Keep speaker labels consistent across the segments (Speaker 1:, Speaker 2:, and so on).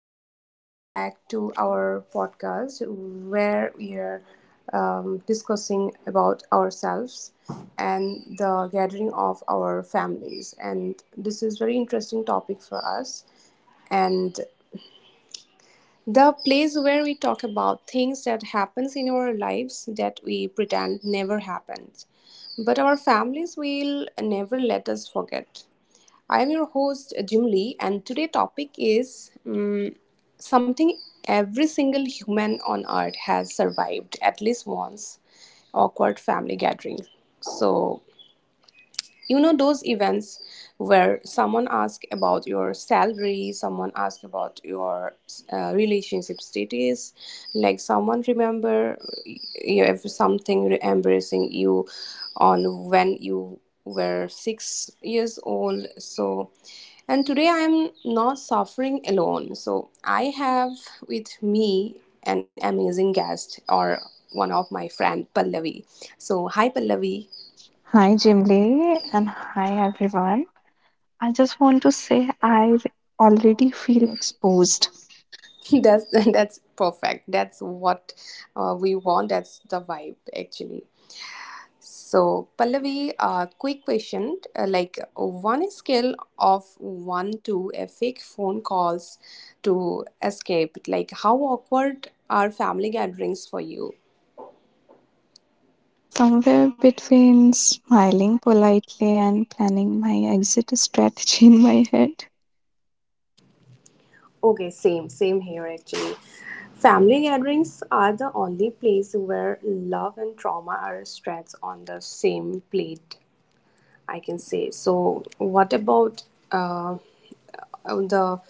Speaker 1: welcome back to our podcast where we are discussing about ourselves and the gathering of our families. And this is very interesting topic for us. And the place where we talk about things that happens in our lives that we pretend never happened. But our families will never let us forget. I am your host Jim Lee and today topic is something every single human on earth has survived at least once awkward family gathering. So you know those events where someone asks about your salary, someone asks about your relationship status, like someone remember you have something embarrassing you on when you were 6 years old. So and today I am not suffering alone, so I have with me an amazing guest, or one of my friend Pallavi. So hi Pallavi.
Speaker 2: Hi, Jimli, and hi, everyone. I just want to say I already feel exposed.
Speaker 1: that's that's perfect, that's what we want, that's the vibe actually. So Pallavi, quick question, like one skill of one to a fake phone calls to escape, like how awkward are family gatherings for you?
Speaker 2: Somewhere between smiling politely and planning my exit strategy in my head.
Speaker 1: Okay, same here actually. Family gatherings are the only place where love and trauma are stretched on the same plate, I can say. So, what about uh, the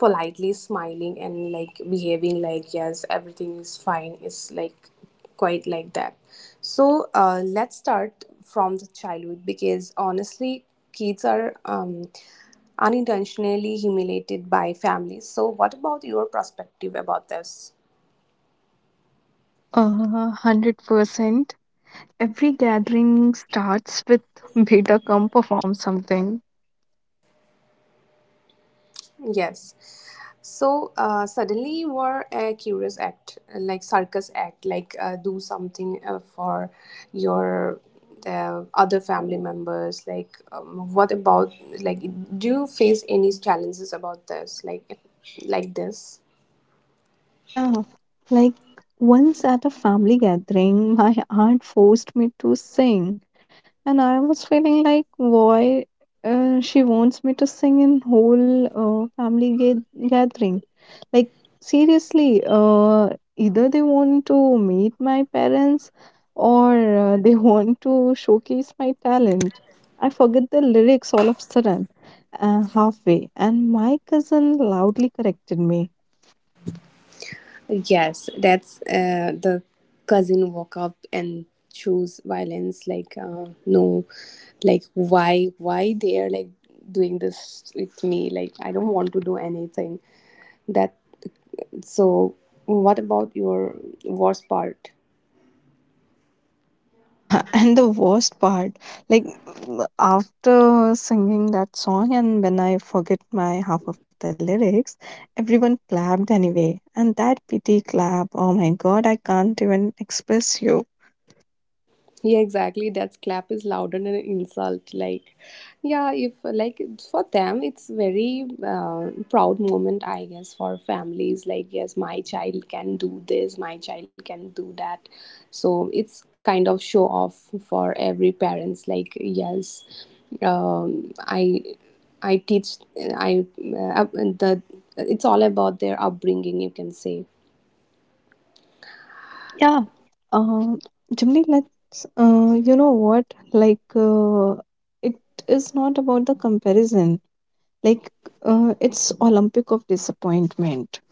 Speaker 1: politely smiling and like behaving like yes, everything is fine? Is like quite like that. So, let's start from the childhood because honestly, kids are unintentionally humiliated by families. So, what about your perspective about this?
Speaker 2: 100%. Every gathering starts with beta come perform something.
Speaker 1: Yes. So suddenly you are a curious act, like circus act, like do something for your other family members. Like, what about like? Do you face any challenges about this, like this?
Speaker 2: Yeah. Like, once at a family gathering, my aunt forced me to sing, and I was feeling like why she wants me to sing in whole gathering. Like seriously, either they want to meet my parents or they want to showcase my talent. I forget the lyrics all of a sudden, halfway, and my cousin loudly corrected me.
Speaker 1: Yes, that's the cousin walk up and choose violence. Like, no, like why they are like doing this with me? Like, I don't want to do anything. That so what about your worst part?
Speaker 2: Yeah, and the worst part, like after singing that song, and when I forget my half of the lyrics, everyone clapped anyway. And that pity clap, oh my god, I can't even express you.
Speaker 1: Yeah, exactly. That clap is louder than an insult. Like, yeah, if like for them, it's very proud moment, I guess, for families. Like, yes, my child can do this, my child can do that. So it's kind of show off for every parents. Like, yes, um, I I teach I the. It's all about their upbringing, you can say.
Speaker 2: Yeah, um, Jimmy, let's, you know what? Like, it is not about the comparison, like, it's Olympic of disappointment.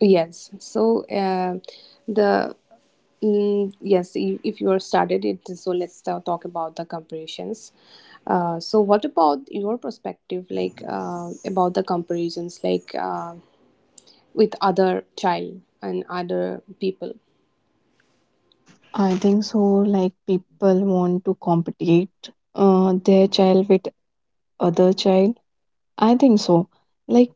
Speaker 1: Yes. So, the yes, if you are started it, so let's talk about the comparisons. So, what about your perspective, like about the comparisons, like with other child and other people?
Speaker 2: I think so. Like people want to compete their child with other child. I think so. Like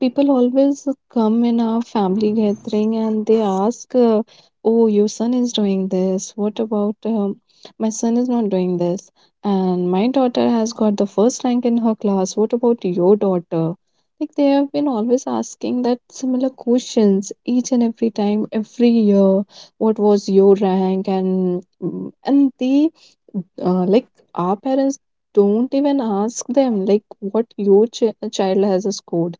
Speaker 2: people always come in our family gathering and they ask, "Oh, your son is doing this. What about my son is not doing this? And my daughter has got the first rank in her class. What about your daughter?" Like they have been always asking that similar questions each and every time, every year. What was your rank? And mm, and they like our parents don't even ask them like what your child has scored,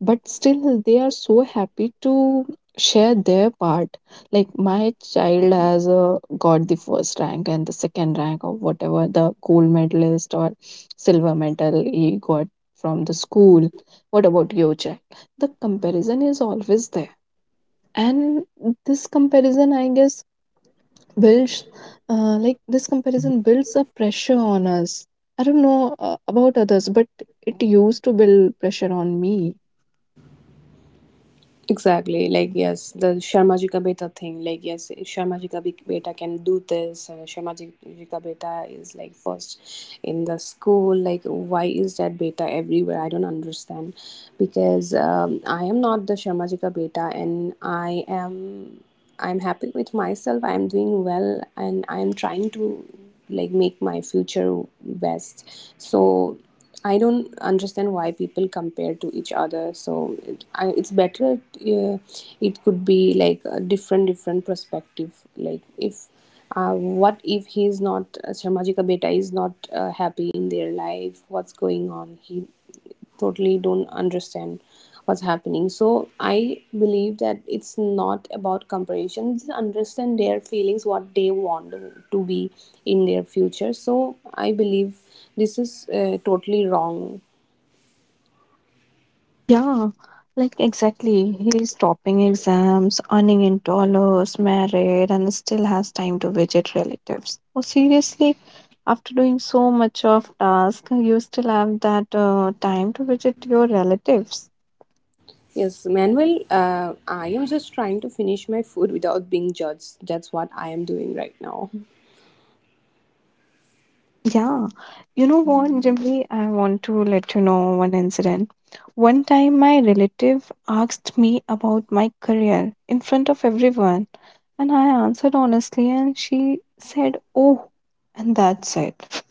Speaker 2: but still they are so happy to share their part, like my child has got the first rank and the second rank or whatever, the gold medalist or silver medal he got from the school. What about your child? The comparison is always there, and this comparison, I guess, builds like this comparison builds a pressure on us. I don't know about others, but it used to build pressure on me.
Speaker 1: Exactly. Like yes, the Sharma ji ka beta thing. Like yes, Sharma ji ka be- beta can do this. Sharma ji ka beta is like first in the school. Like why is that beta everywhere? I don't understand. Because I am not the Sharmajika beta and I'm happy with myself. I'm doing well and I'm trying to like make my future best. So I don't understand why people compare to each other. So it's better. It could be like a different perspective. Like if what if he's not Sharmajika Beta is not happy in their life? What's going on? He totally don't understand what's happening. So I believe that it's not about comparison, just understand their feelings, what they want to be in their future. So I believe this is totally wrong.
Speaker 2: Yeah, like exactly. He's topping exams, earning in dollars, married, and still has time to visit relatives. Oh, seriously, after doing so much of task, you still have that time to visit your relatives.
Speaker 1: Yes Manuel, I am just trying to finish my food without being judged. That's what I am doing right now.
Speaker 2: Yeah, you know what, Jimmy? I want to let you know one incident. One time, my relative asked me about my career in front of everyone, and I answered honestly, and she said, "Oh," and that's it.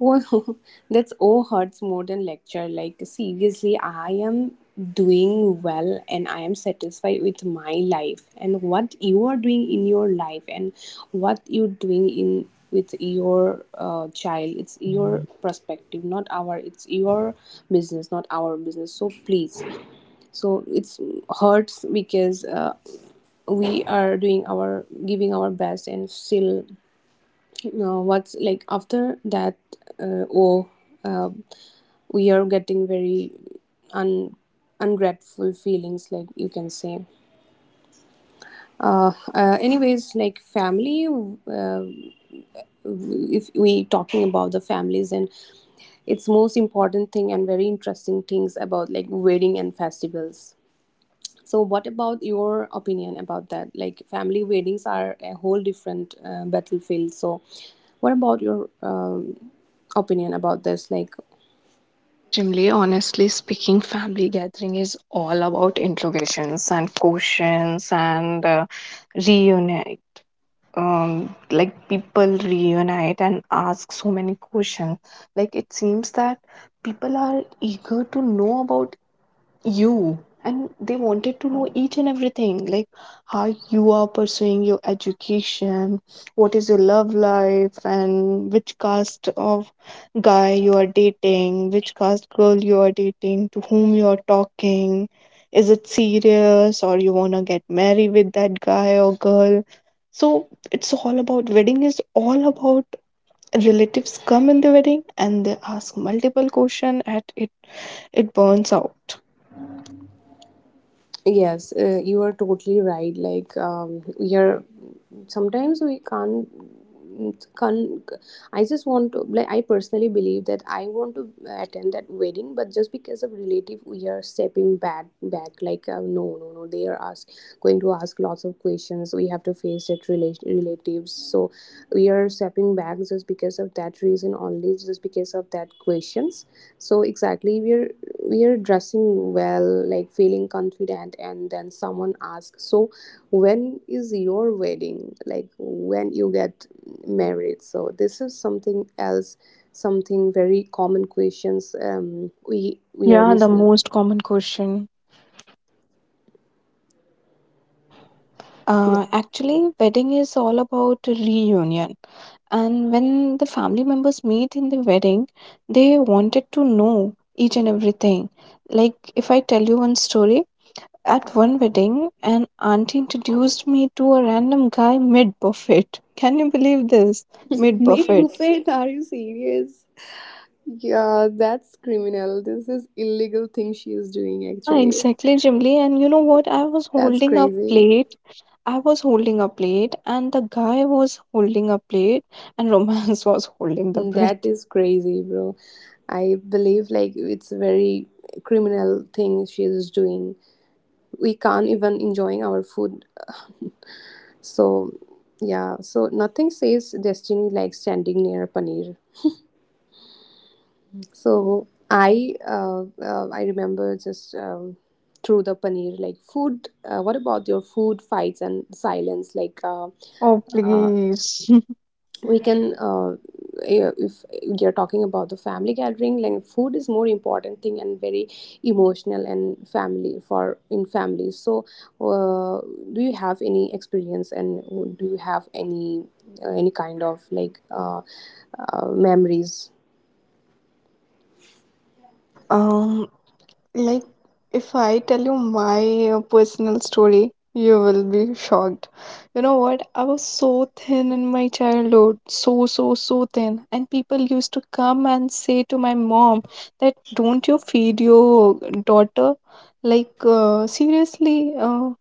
Speaker 1: Oh, that's oh, hurts more than lecture. Like seriously, I am doing well and I am satisfied with my life, and what you are doing in your life and what you're doing in with your child, it's your perspective, not our. It's your business, not our business. So please, so it's hurts because we are doing our giving our best and still now, what's like after that? Uh, oh, uh, we are getting very un ungrateful feelings, like you can say. Anyways, like family, if we talking about the families and its most important thing and very interesting things about like wedding and festivals. So, what about your opinion about that? Like, family weddings are a whole different battlefield. So, what about your opinion about this? Like,
Speaker 2: Yes, Jimli, honestly speaking, family gathering is all about interrogations and questions and reunion. Like people reunite and ask so many questions. Like it seems that people are eager to know about you, and they wanted to know each and everything, like how you are pursuing your education, what is your love life, and which caste of guy you are dating, which caste girl you are dating, to whom you are talking, is it serious or you want to get married with that guy or girl. So it's all about wedding is all about relatives come in the wedding and they ask multiple question, and it burns out.
Speaker 1: yes, you are totally right. Like we are sometimes we can't. Can I just want to like I personally believe that I want to attend that wedding, but just because of relative, we are stepping back. Like no, no, no, they are ask going to ask lots of questions. We have to face that relatives, so we are stepping back just because of that reason only, just because of that questions. So exactly we're dressing well, like feeling confident, and then someone asks, so when is your wedding, like when you get married? So this is something else, something very common questions. Um, we are
Speaker 2: Yeah, the
Speaker 1: listening.
Speaker 2: most common question.
Speaker 1: Yeah,
Speaker 2: Actually, wedding is all about reunion. And when the family members meet in the wedding, they wanted to know each and everything. Like, if I tell you one story, at one wedding, an auntie introduced me to a random guy mid buffet. Can you believe this? Mid
Speaker 1: meat
Speaker 2: buffet.
Speaker 1: buffet, are you serious? Yeah, that's criminal. This is illegal thing she is doing
Speaker 2: Yeah,
Speaker 1: actually.
Speaker 2: exactly, Jimly. And you know what?
Speaker 1: That's crazy.
Speaker 2: I was holding a plate, and the guy was holding a plate, and romance was holding the
Speaker 1: That
Speaker 2: breath.
Speaker 1: is crazy, bro. I believe like it's very criminal thing she is doing. We can't even enjoying our food. So yeah, so nothing says destiny like standing near paneer. So I remember just through the paneer like food. What about your food fights and silence? Like
Speaker 2: Oh,
Speaker 1: uh,
Speaker 2: please.
Speaker 1: we can eh, if you're talking about the family gathering, like food is more important thing and very emotional and family for in families. So uh, do you have any experience and do you have any kind of like memories?
Speaker 2: Yeah, um, like if I tell you my personal story, you will be shocked. You know what? I was so thin in my childhood, so, so, so thin. And people used to come and say to my mom that don't you feed your daughter? Like, seriously,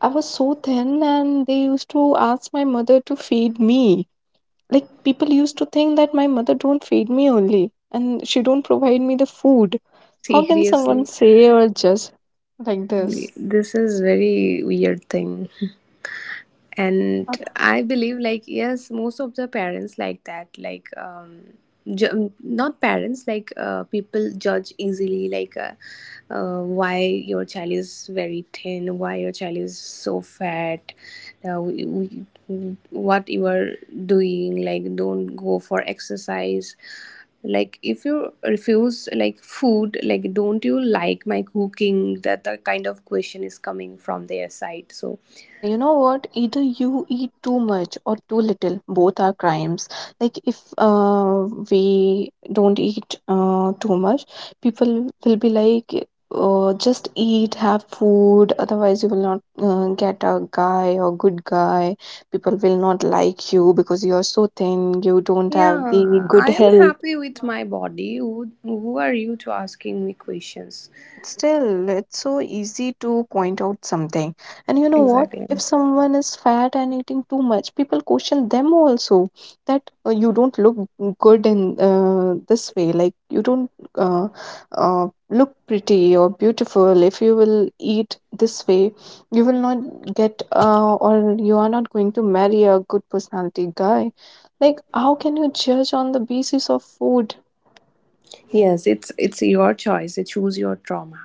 Speaker 2: I was so thin, and they used to ask my mother to feed me. Like people used to think that my mother don't feed me only, and she don't provide me the food. How can someone
Speaker 1: Seriously,
Speaker 2: say or judge like this?
Speaker 1: this is very weird thing.
Speaker 2: Yeah.
Speaker 1: And I believe like yes, most of the parents like that, like um, not parents, like people judge easily, like why your child is very thin, why your child is so fat? Uh, what you are doing, like don't go for exercise, like if you refuse like food, like don't you like my cooking? That the kind of question is coming from their side. So
Speaker 2: Yeah, you know what? Either you eat too much or too little. Both are crimes. Like if we don't eat too much, people will be like, just eat, have food. Otherwise, you will not get a guy or good guy. People will not like you because you are so thin. You don't have the
Speaker 1: yeah,
Speaker 2: good
Speaker 1: I am
Speaker 2: health.
Speaker 1: happy with my body. Who are you to asking me questions?
Speaker 2: Yeah, but still, it's so easy to point out something. And you know what?
Speaker 1: Exactly.
Speaker 2: If someone is fat and eating too much, people question them also that you don't look good in this way. Like, you don't uh, look pretty or beautiful. If you will eat this way, you will not get, or you are not going to marry a good personality guy. Like, how can you judge on the basis of food?
Speaker 1: Yes, it's your choice. You choose your trauma.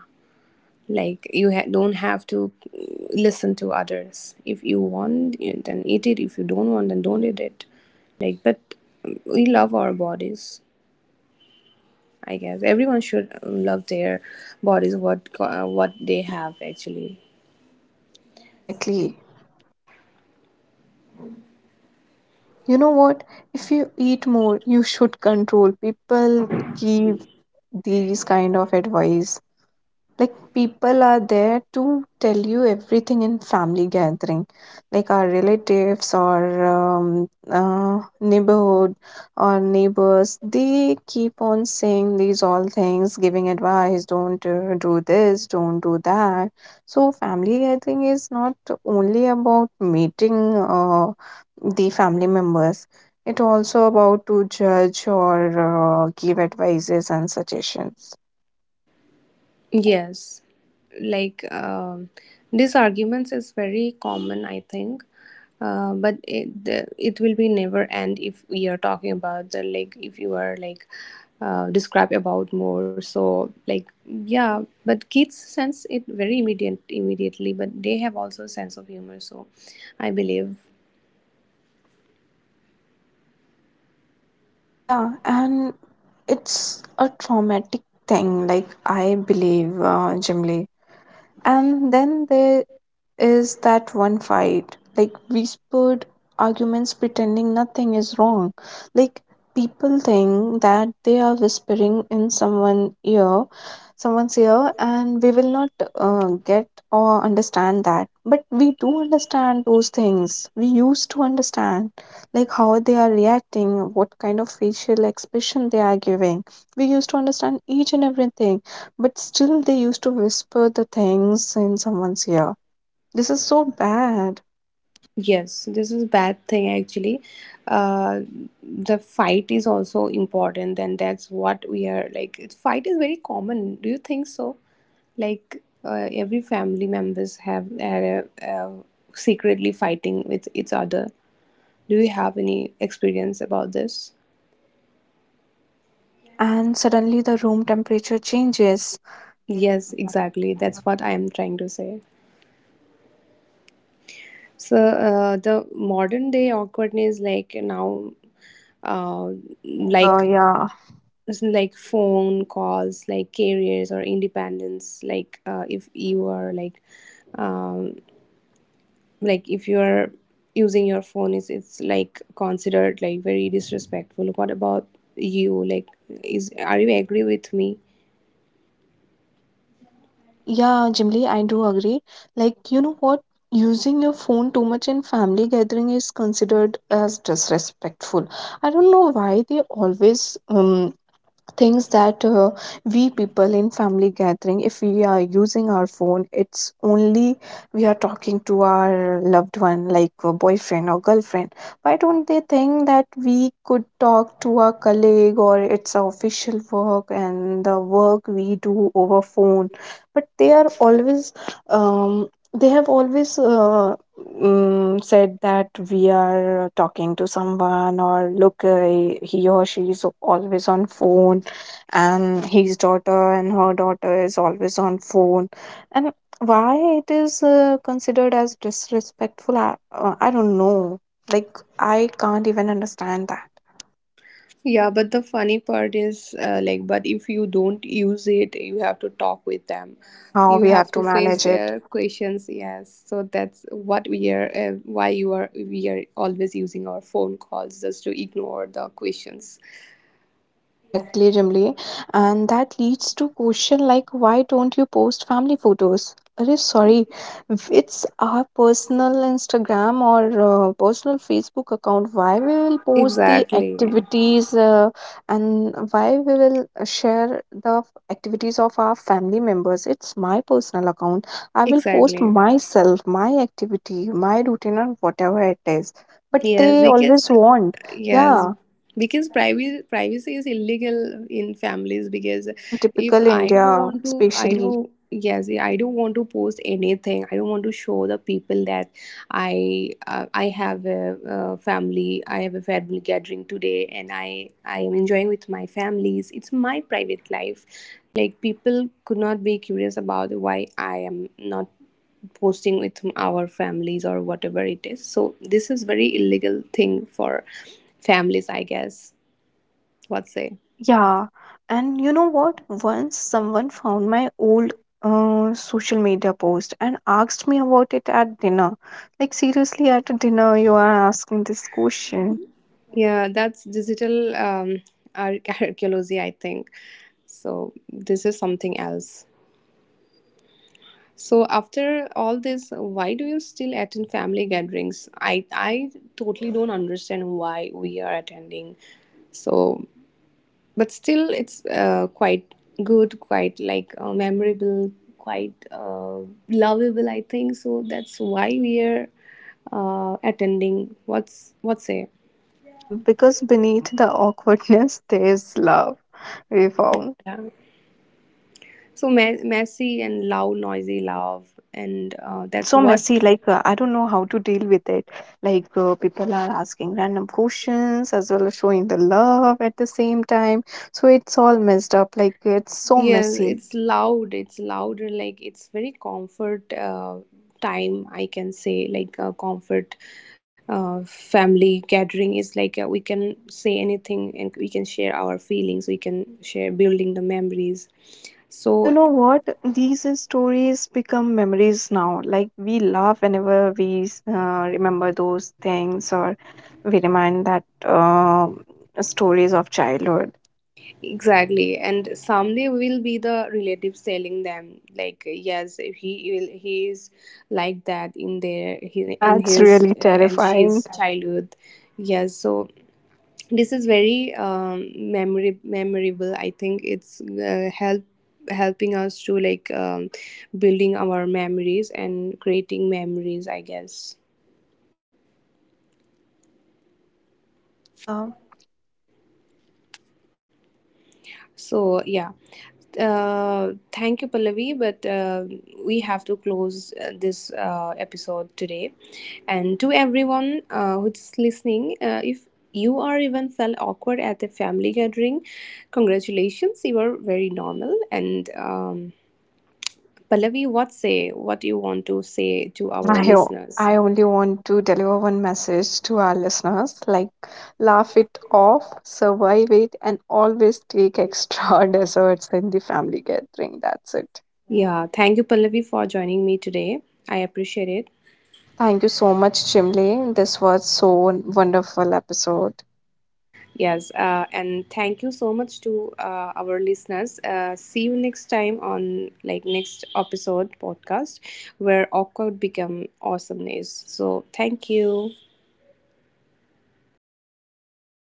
Speaker 1: Like you don't have to listen to others. If you want, then eat it. If you don't want, then don't eat it. Like, but we love our bodies. I guess everyone should love their bodies. What what they have actually.
Speaker 2: Yeah, exactly. You know what? If you eat more, you should control. People give these kind of advice, like people are there to tell you everything in family gathering, like our relatives or neighborhood or neighbors. They keep on saying these all things, giving advice, don't do this, don't do that. So family gathering is not only about meeting the family members. It also about to judge or give advices and suggestions.
Speaker 1: Yes, like this arguments is very common, I think. But it will be never end if we are talking about the like if you are like describe about more. So like yeah, but kids sense it very immediately. But they have also sense of humor. So I believe.
Speaker 2: Yeah, and it's a traumatic thing, like I believe generally. And then they is that one fight, like whispered arguments pretending nothing is wrong. Like people think that they are whispering in someone's ear, and we will not get or understand that. But we do understand those things. We used to understand, like how they are reacting, what kind of facial expression they are giving. We used to understand each and everything, but still they used to whisper the things in someone's ear. This is so bad.
Speaker 1: Yes, this is bad thing actually. Uh, the fight is also important, and that's what we are like. Fight is very common. Do you think so? Like every family members have are secretly fighting with each other. Do you have any experience about this?
Speaker 2: Yeah, and suddenly the room temperature changes.
Speaker 1: Yes, exactly. That's what I am trying to say. So the modern day awkwardness, like now, uh, like
Speaker 2: Popular, yeah.
Speaker 1: it's like phone calls like careers or independence, like if you are um, like if you are using your phone, it's like considered like very disrespectful. What about you, like is are you agree with me?
Speaker 2: I yeah, Jimly, I do agree. Like, you know what? Using your phone too much in family gathering is considered as disrespectful. I don't know why they always things that we people in family gathering, if we are using our phone, it's only we are talking to our loved one like a boyfriend or girlfriend. Why don't they think that we could talk to our colleague or it's our official work and the work we do over phone? But they are always um, they have always mm, said that we are talking to someone, or look, he or she is always on phone, and his daughter and her daughter is always on phone. And why it is considered as disrespectful, I don't know. Like I can't even understand that.
Speaker 1: Yeah, but the funny part is like, but if you don't use it, you have to talk with them.
Speaker 2: Uh, somehow
Speaker 1: You
Speaker 2: we
Speaker 1: have
Speaker 2: have
Speaker 1: to
Speaker 2: to
Speaker 1: face
Speaker 2: manage it.
Speaker 1: their questions. Yes, so that's what we are. Why you are we are always using our phone calls just to ignore the questions.
Speaker 2: Exactly, Jimli. And that leads to question like why don't you post family photos? Arey, sorry, if it's our personal Instagram or personal Facebook account. Why we will post the
Speaker 1: Exactly.
Speaker 2: activities and why we will share the activities of our family members? It's my personal account. I will post
Speaker 1: Exactly.
Speaker 2: myself, my activity, my routine, or whatever it is. But
Speaker 1: Yes,
Speaker 2: they
Speaker 1: because
Speaker 2: always want,
Speaker 1: yes,
Speaker 2: yeah.
Speaker 1: because privacy is illegal in families, because
Speaker 2: Yeah, in
Speaker 1: if
Speaker 2: typical
Speaker 1: I don't
Speaker 2: India,
Speaker 1: want to, I
Speaker 2: especially.
Speaker 1: don't, yes, I don't want to post anything, I don't want to show the people that I I have a, uh, family, I have a family gathering today and I am enjoying with my families. It's my private life. Like people could not be curious about why I am not posting with our families or whatever it is. So this is very illegal thing for families, I guess. What say?
Speaker 2: Yeah. And you know what? Once someone found my old social media post and asked me about it at dinner. Like, seriously, at a dinner, you are asking this question.
Speaker 1: Yeah, that's digital archaeology, I think. So this is something else. So after all this, why do you still attend family gatherings? I totally don't understand why we are attending. So, but still, it's quite good, quite like memorable, quite lovable, I think. So that's why we are attending. What's it?
Speaker 2: Yeah, because beneath the awkwardness, there's love we found.
Speaker 1: Yeah. So messy and loud noisy love, and
Speaker 2: Yeah, it's
Speaker 1: that's
Speaker 2: so
Speaker 1: what
Speaker 2: messy. Like, I don't know how to deal with it. Like, people are asking random questions as well as showing the love at the same time. So it's all messed up. Like, it's so
Speaker 1: yeah,
Speaker 2: messy.
Speaker 1: it's loud, it's louder. Like it's very comfort time, I can say, like a comfort family gathering is like we can say anything and we can share our feelings, we can share building the memories.
Speaker 2: And you
Speaker 1: So
Speaker 2: know what? These stories become memories now. Like, we laugh whenever we remember those things or we remind that stories of childhood.
Speaker 1: exactly, and someday will be the relatives telling them like, yes, he will, he is like that in their he, in
Speaker 2: That's
Speaker 1: his
Speaker 2: really
Speaker 1: and
Speaker 2: terrifying.
Speaker 1: she's childhood. Yes, so this is very memory memorable. I think it's helping us to like building our memories and creating memories, I guess.
Speaker 2: Yeah.
Speaker 1: So yeah, thank you, Pallavi. But we have to close this episode today. And to everyone who's listening, if you are even felt awkward at a family gathering, congratulations, you are very normal. And Pallavi, what say? What you want to say to
Speaker 2: I
Speaker 1: our
Speaker 2: I o-
Speaker 1: listeners?
Speaker 2: I only want to deliver one message to our listeners like laugh it off, survive it, and always take extra desserts in the family gathering. That's it.
Speaker 1: Yeah, thank you, Pallavi, for joining me today. I appreciate it.
Speaker 2: Thank you so much, Chimley. This was so wonderful episode.
Speaker 1: Yes, and thank you so much to our listeners. See you next time on like next episode podcast where awkward become awesomeness. So thank you.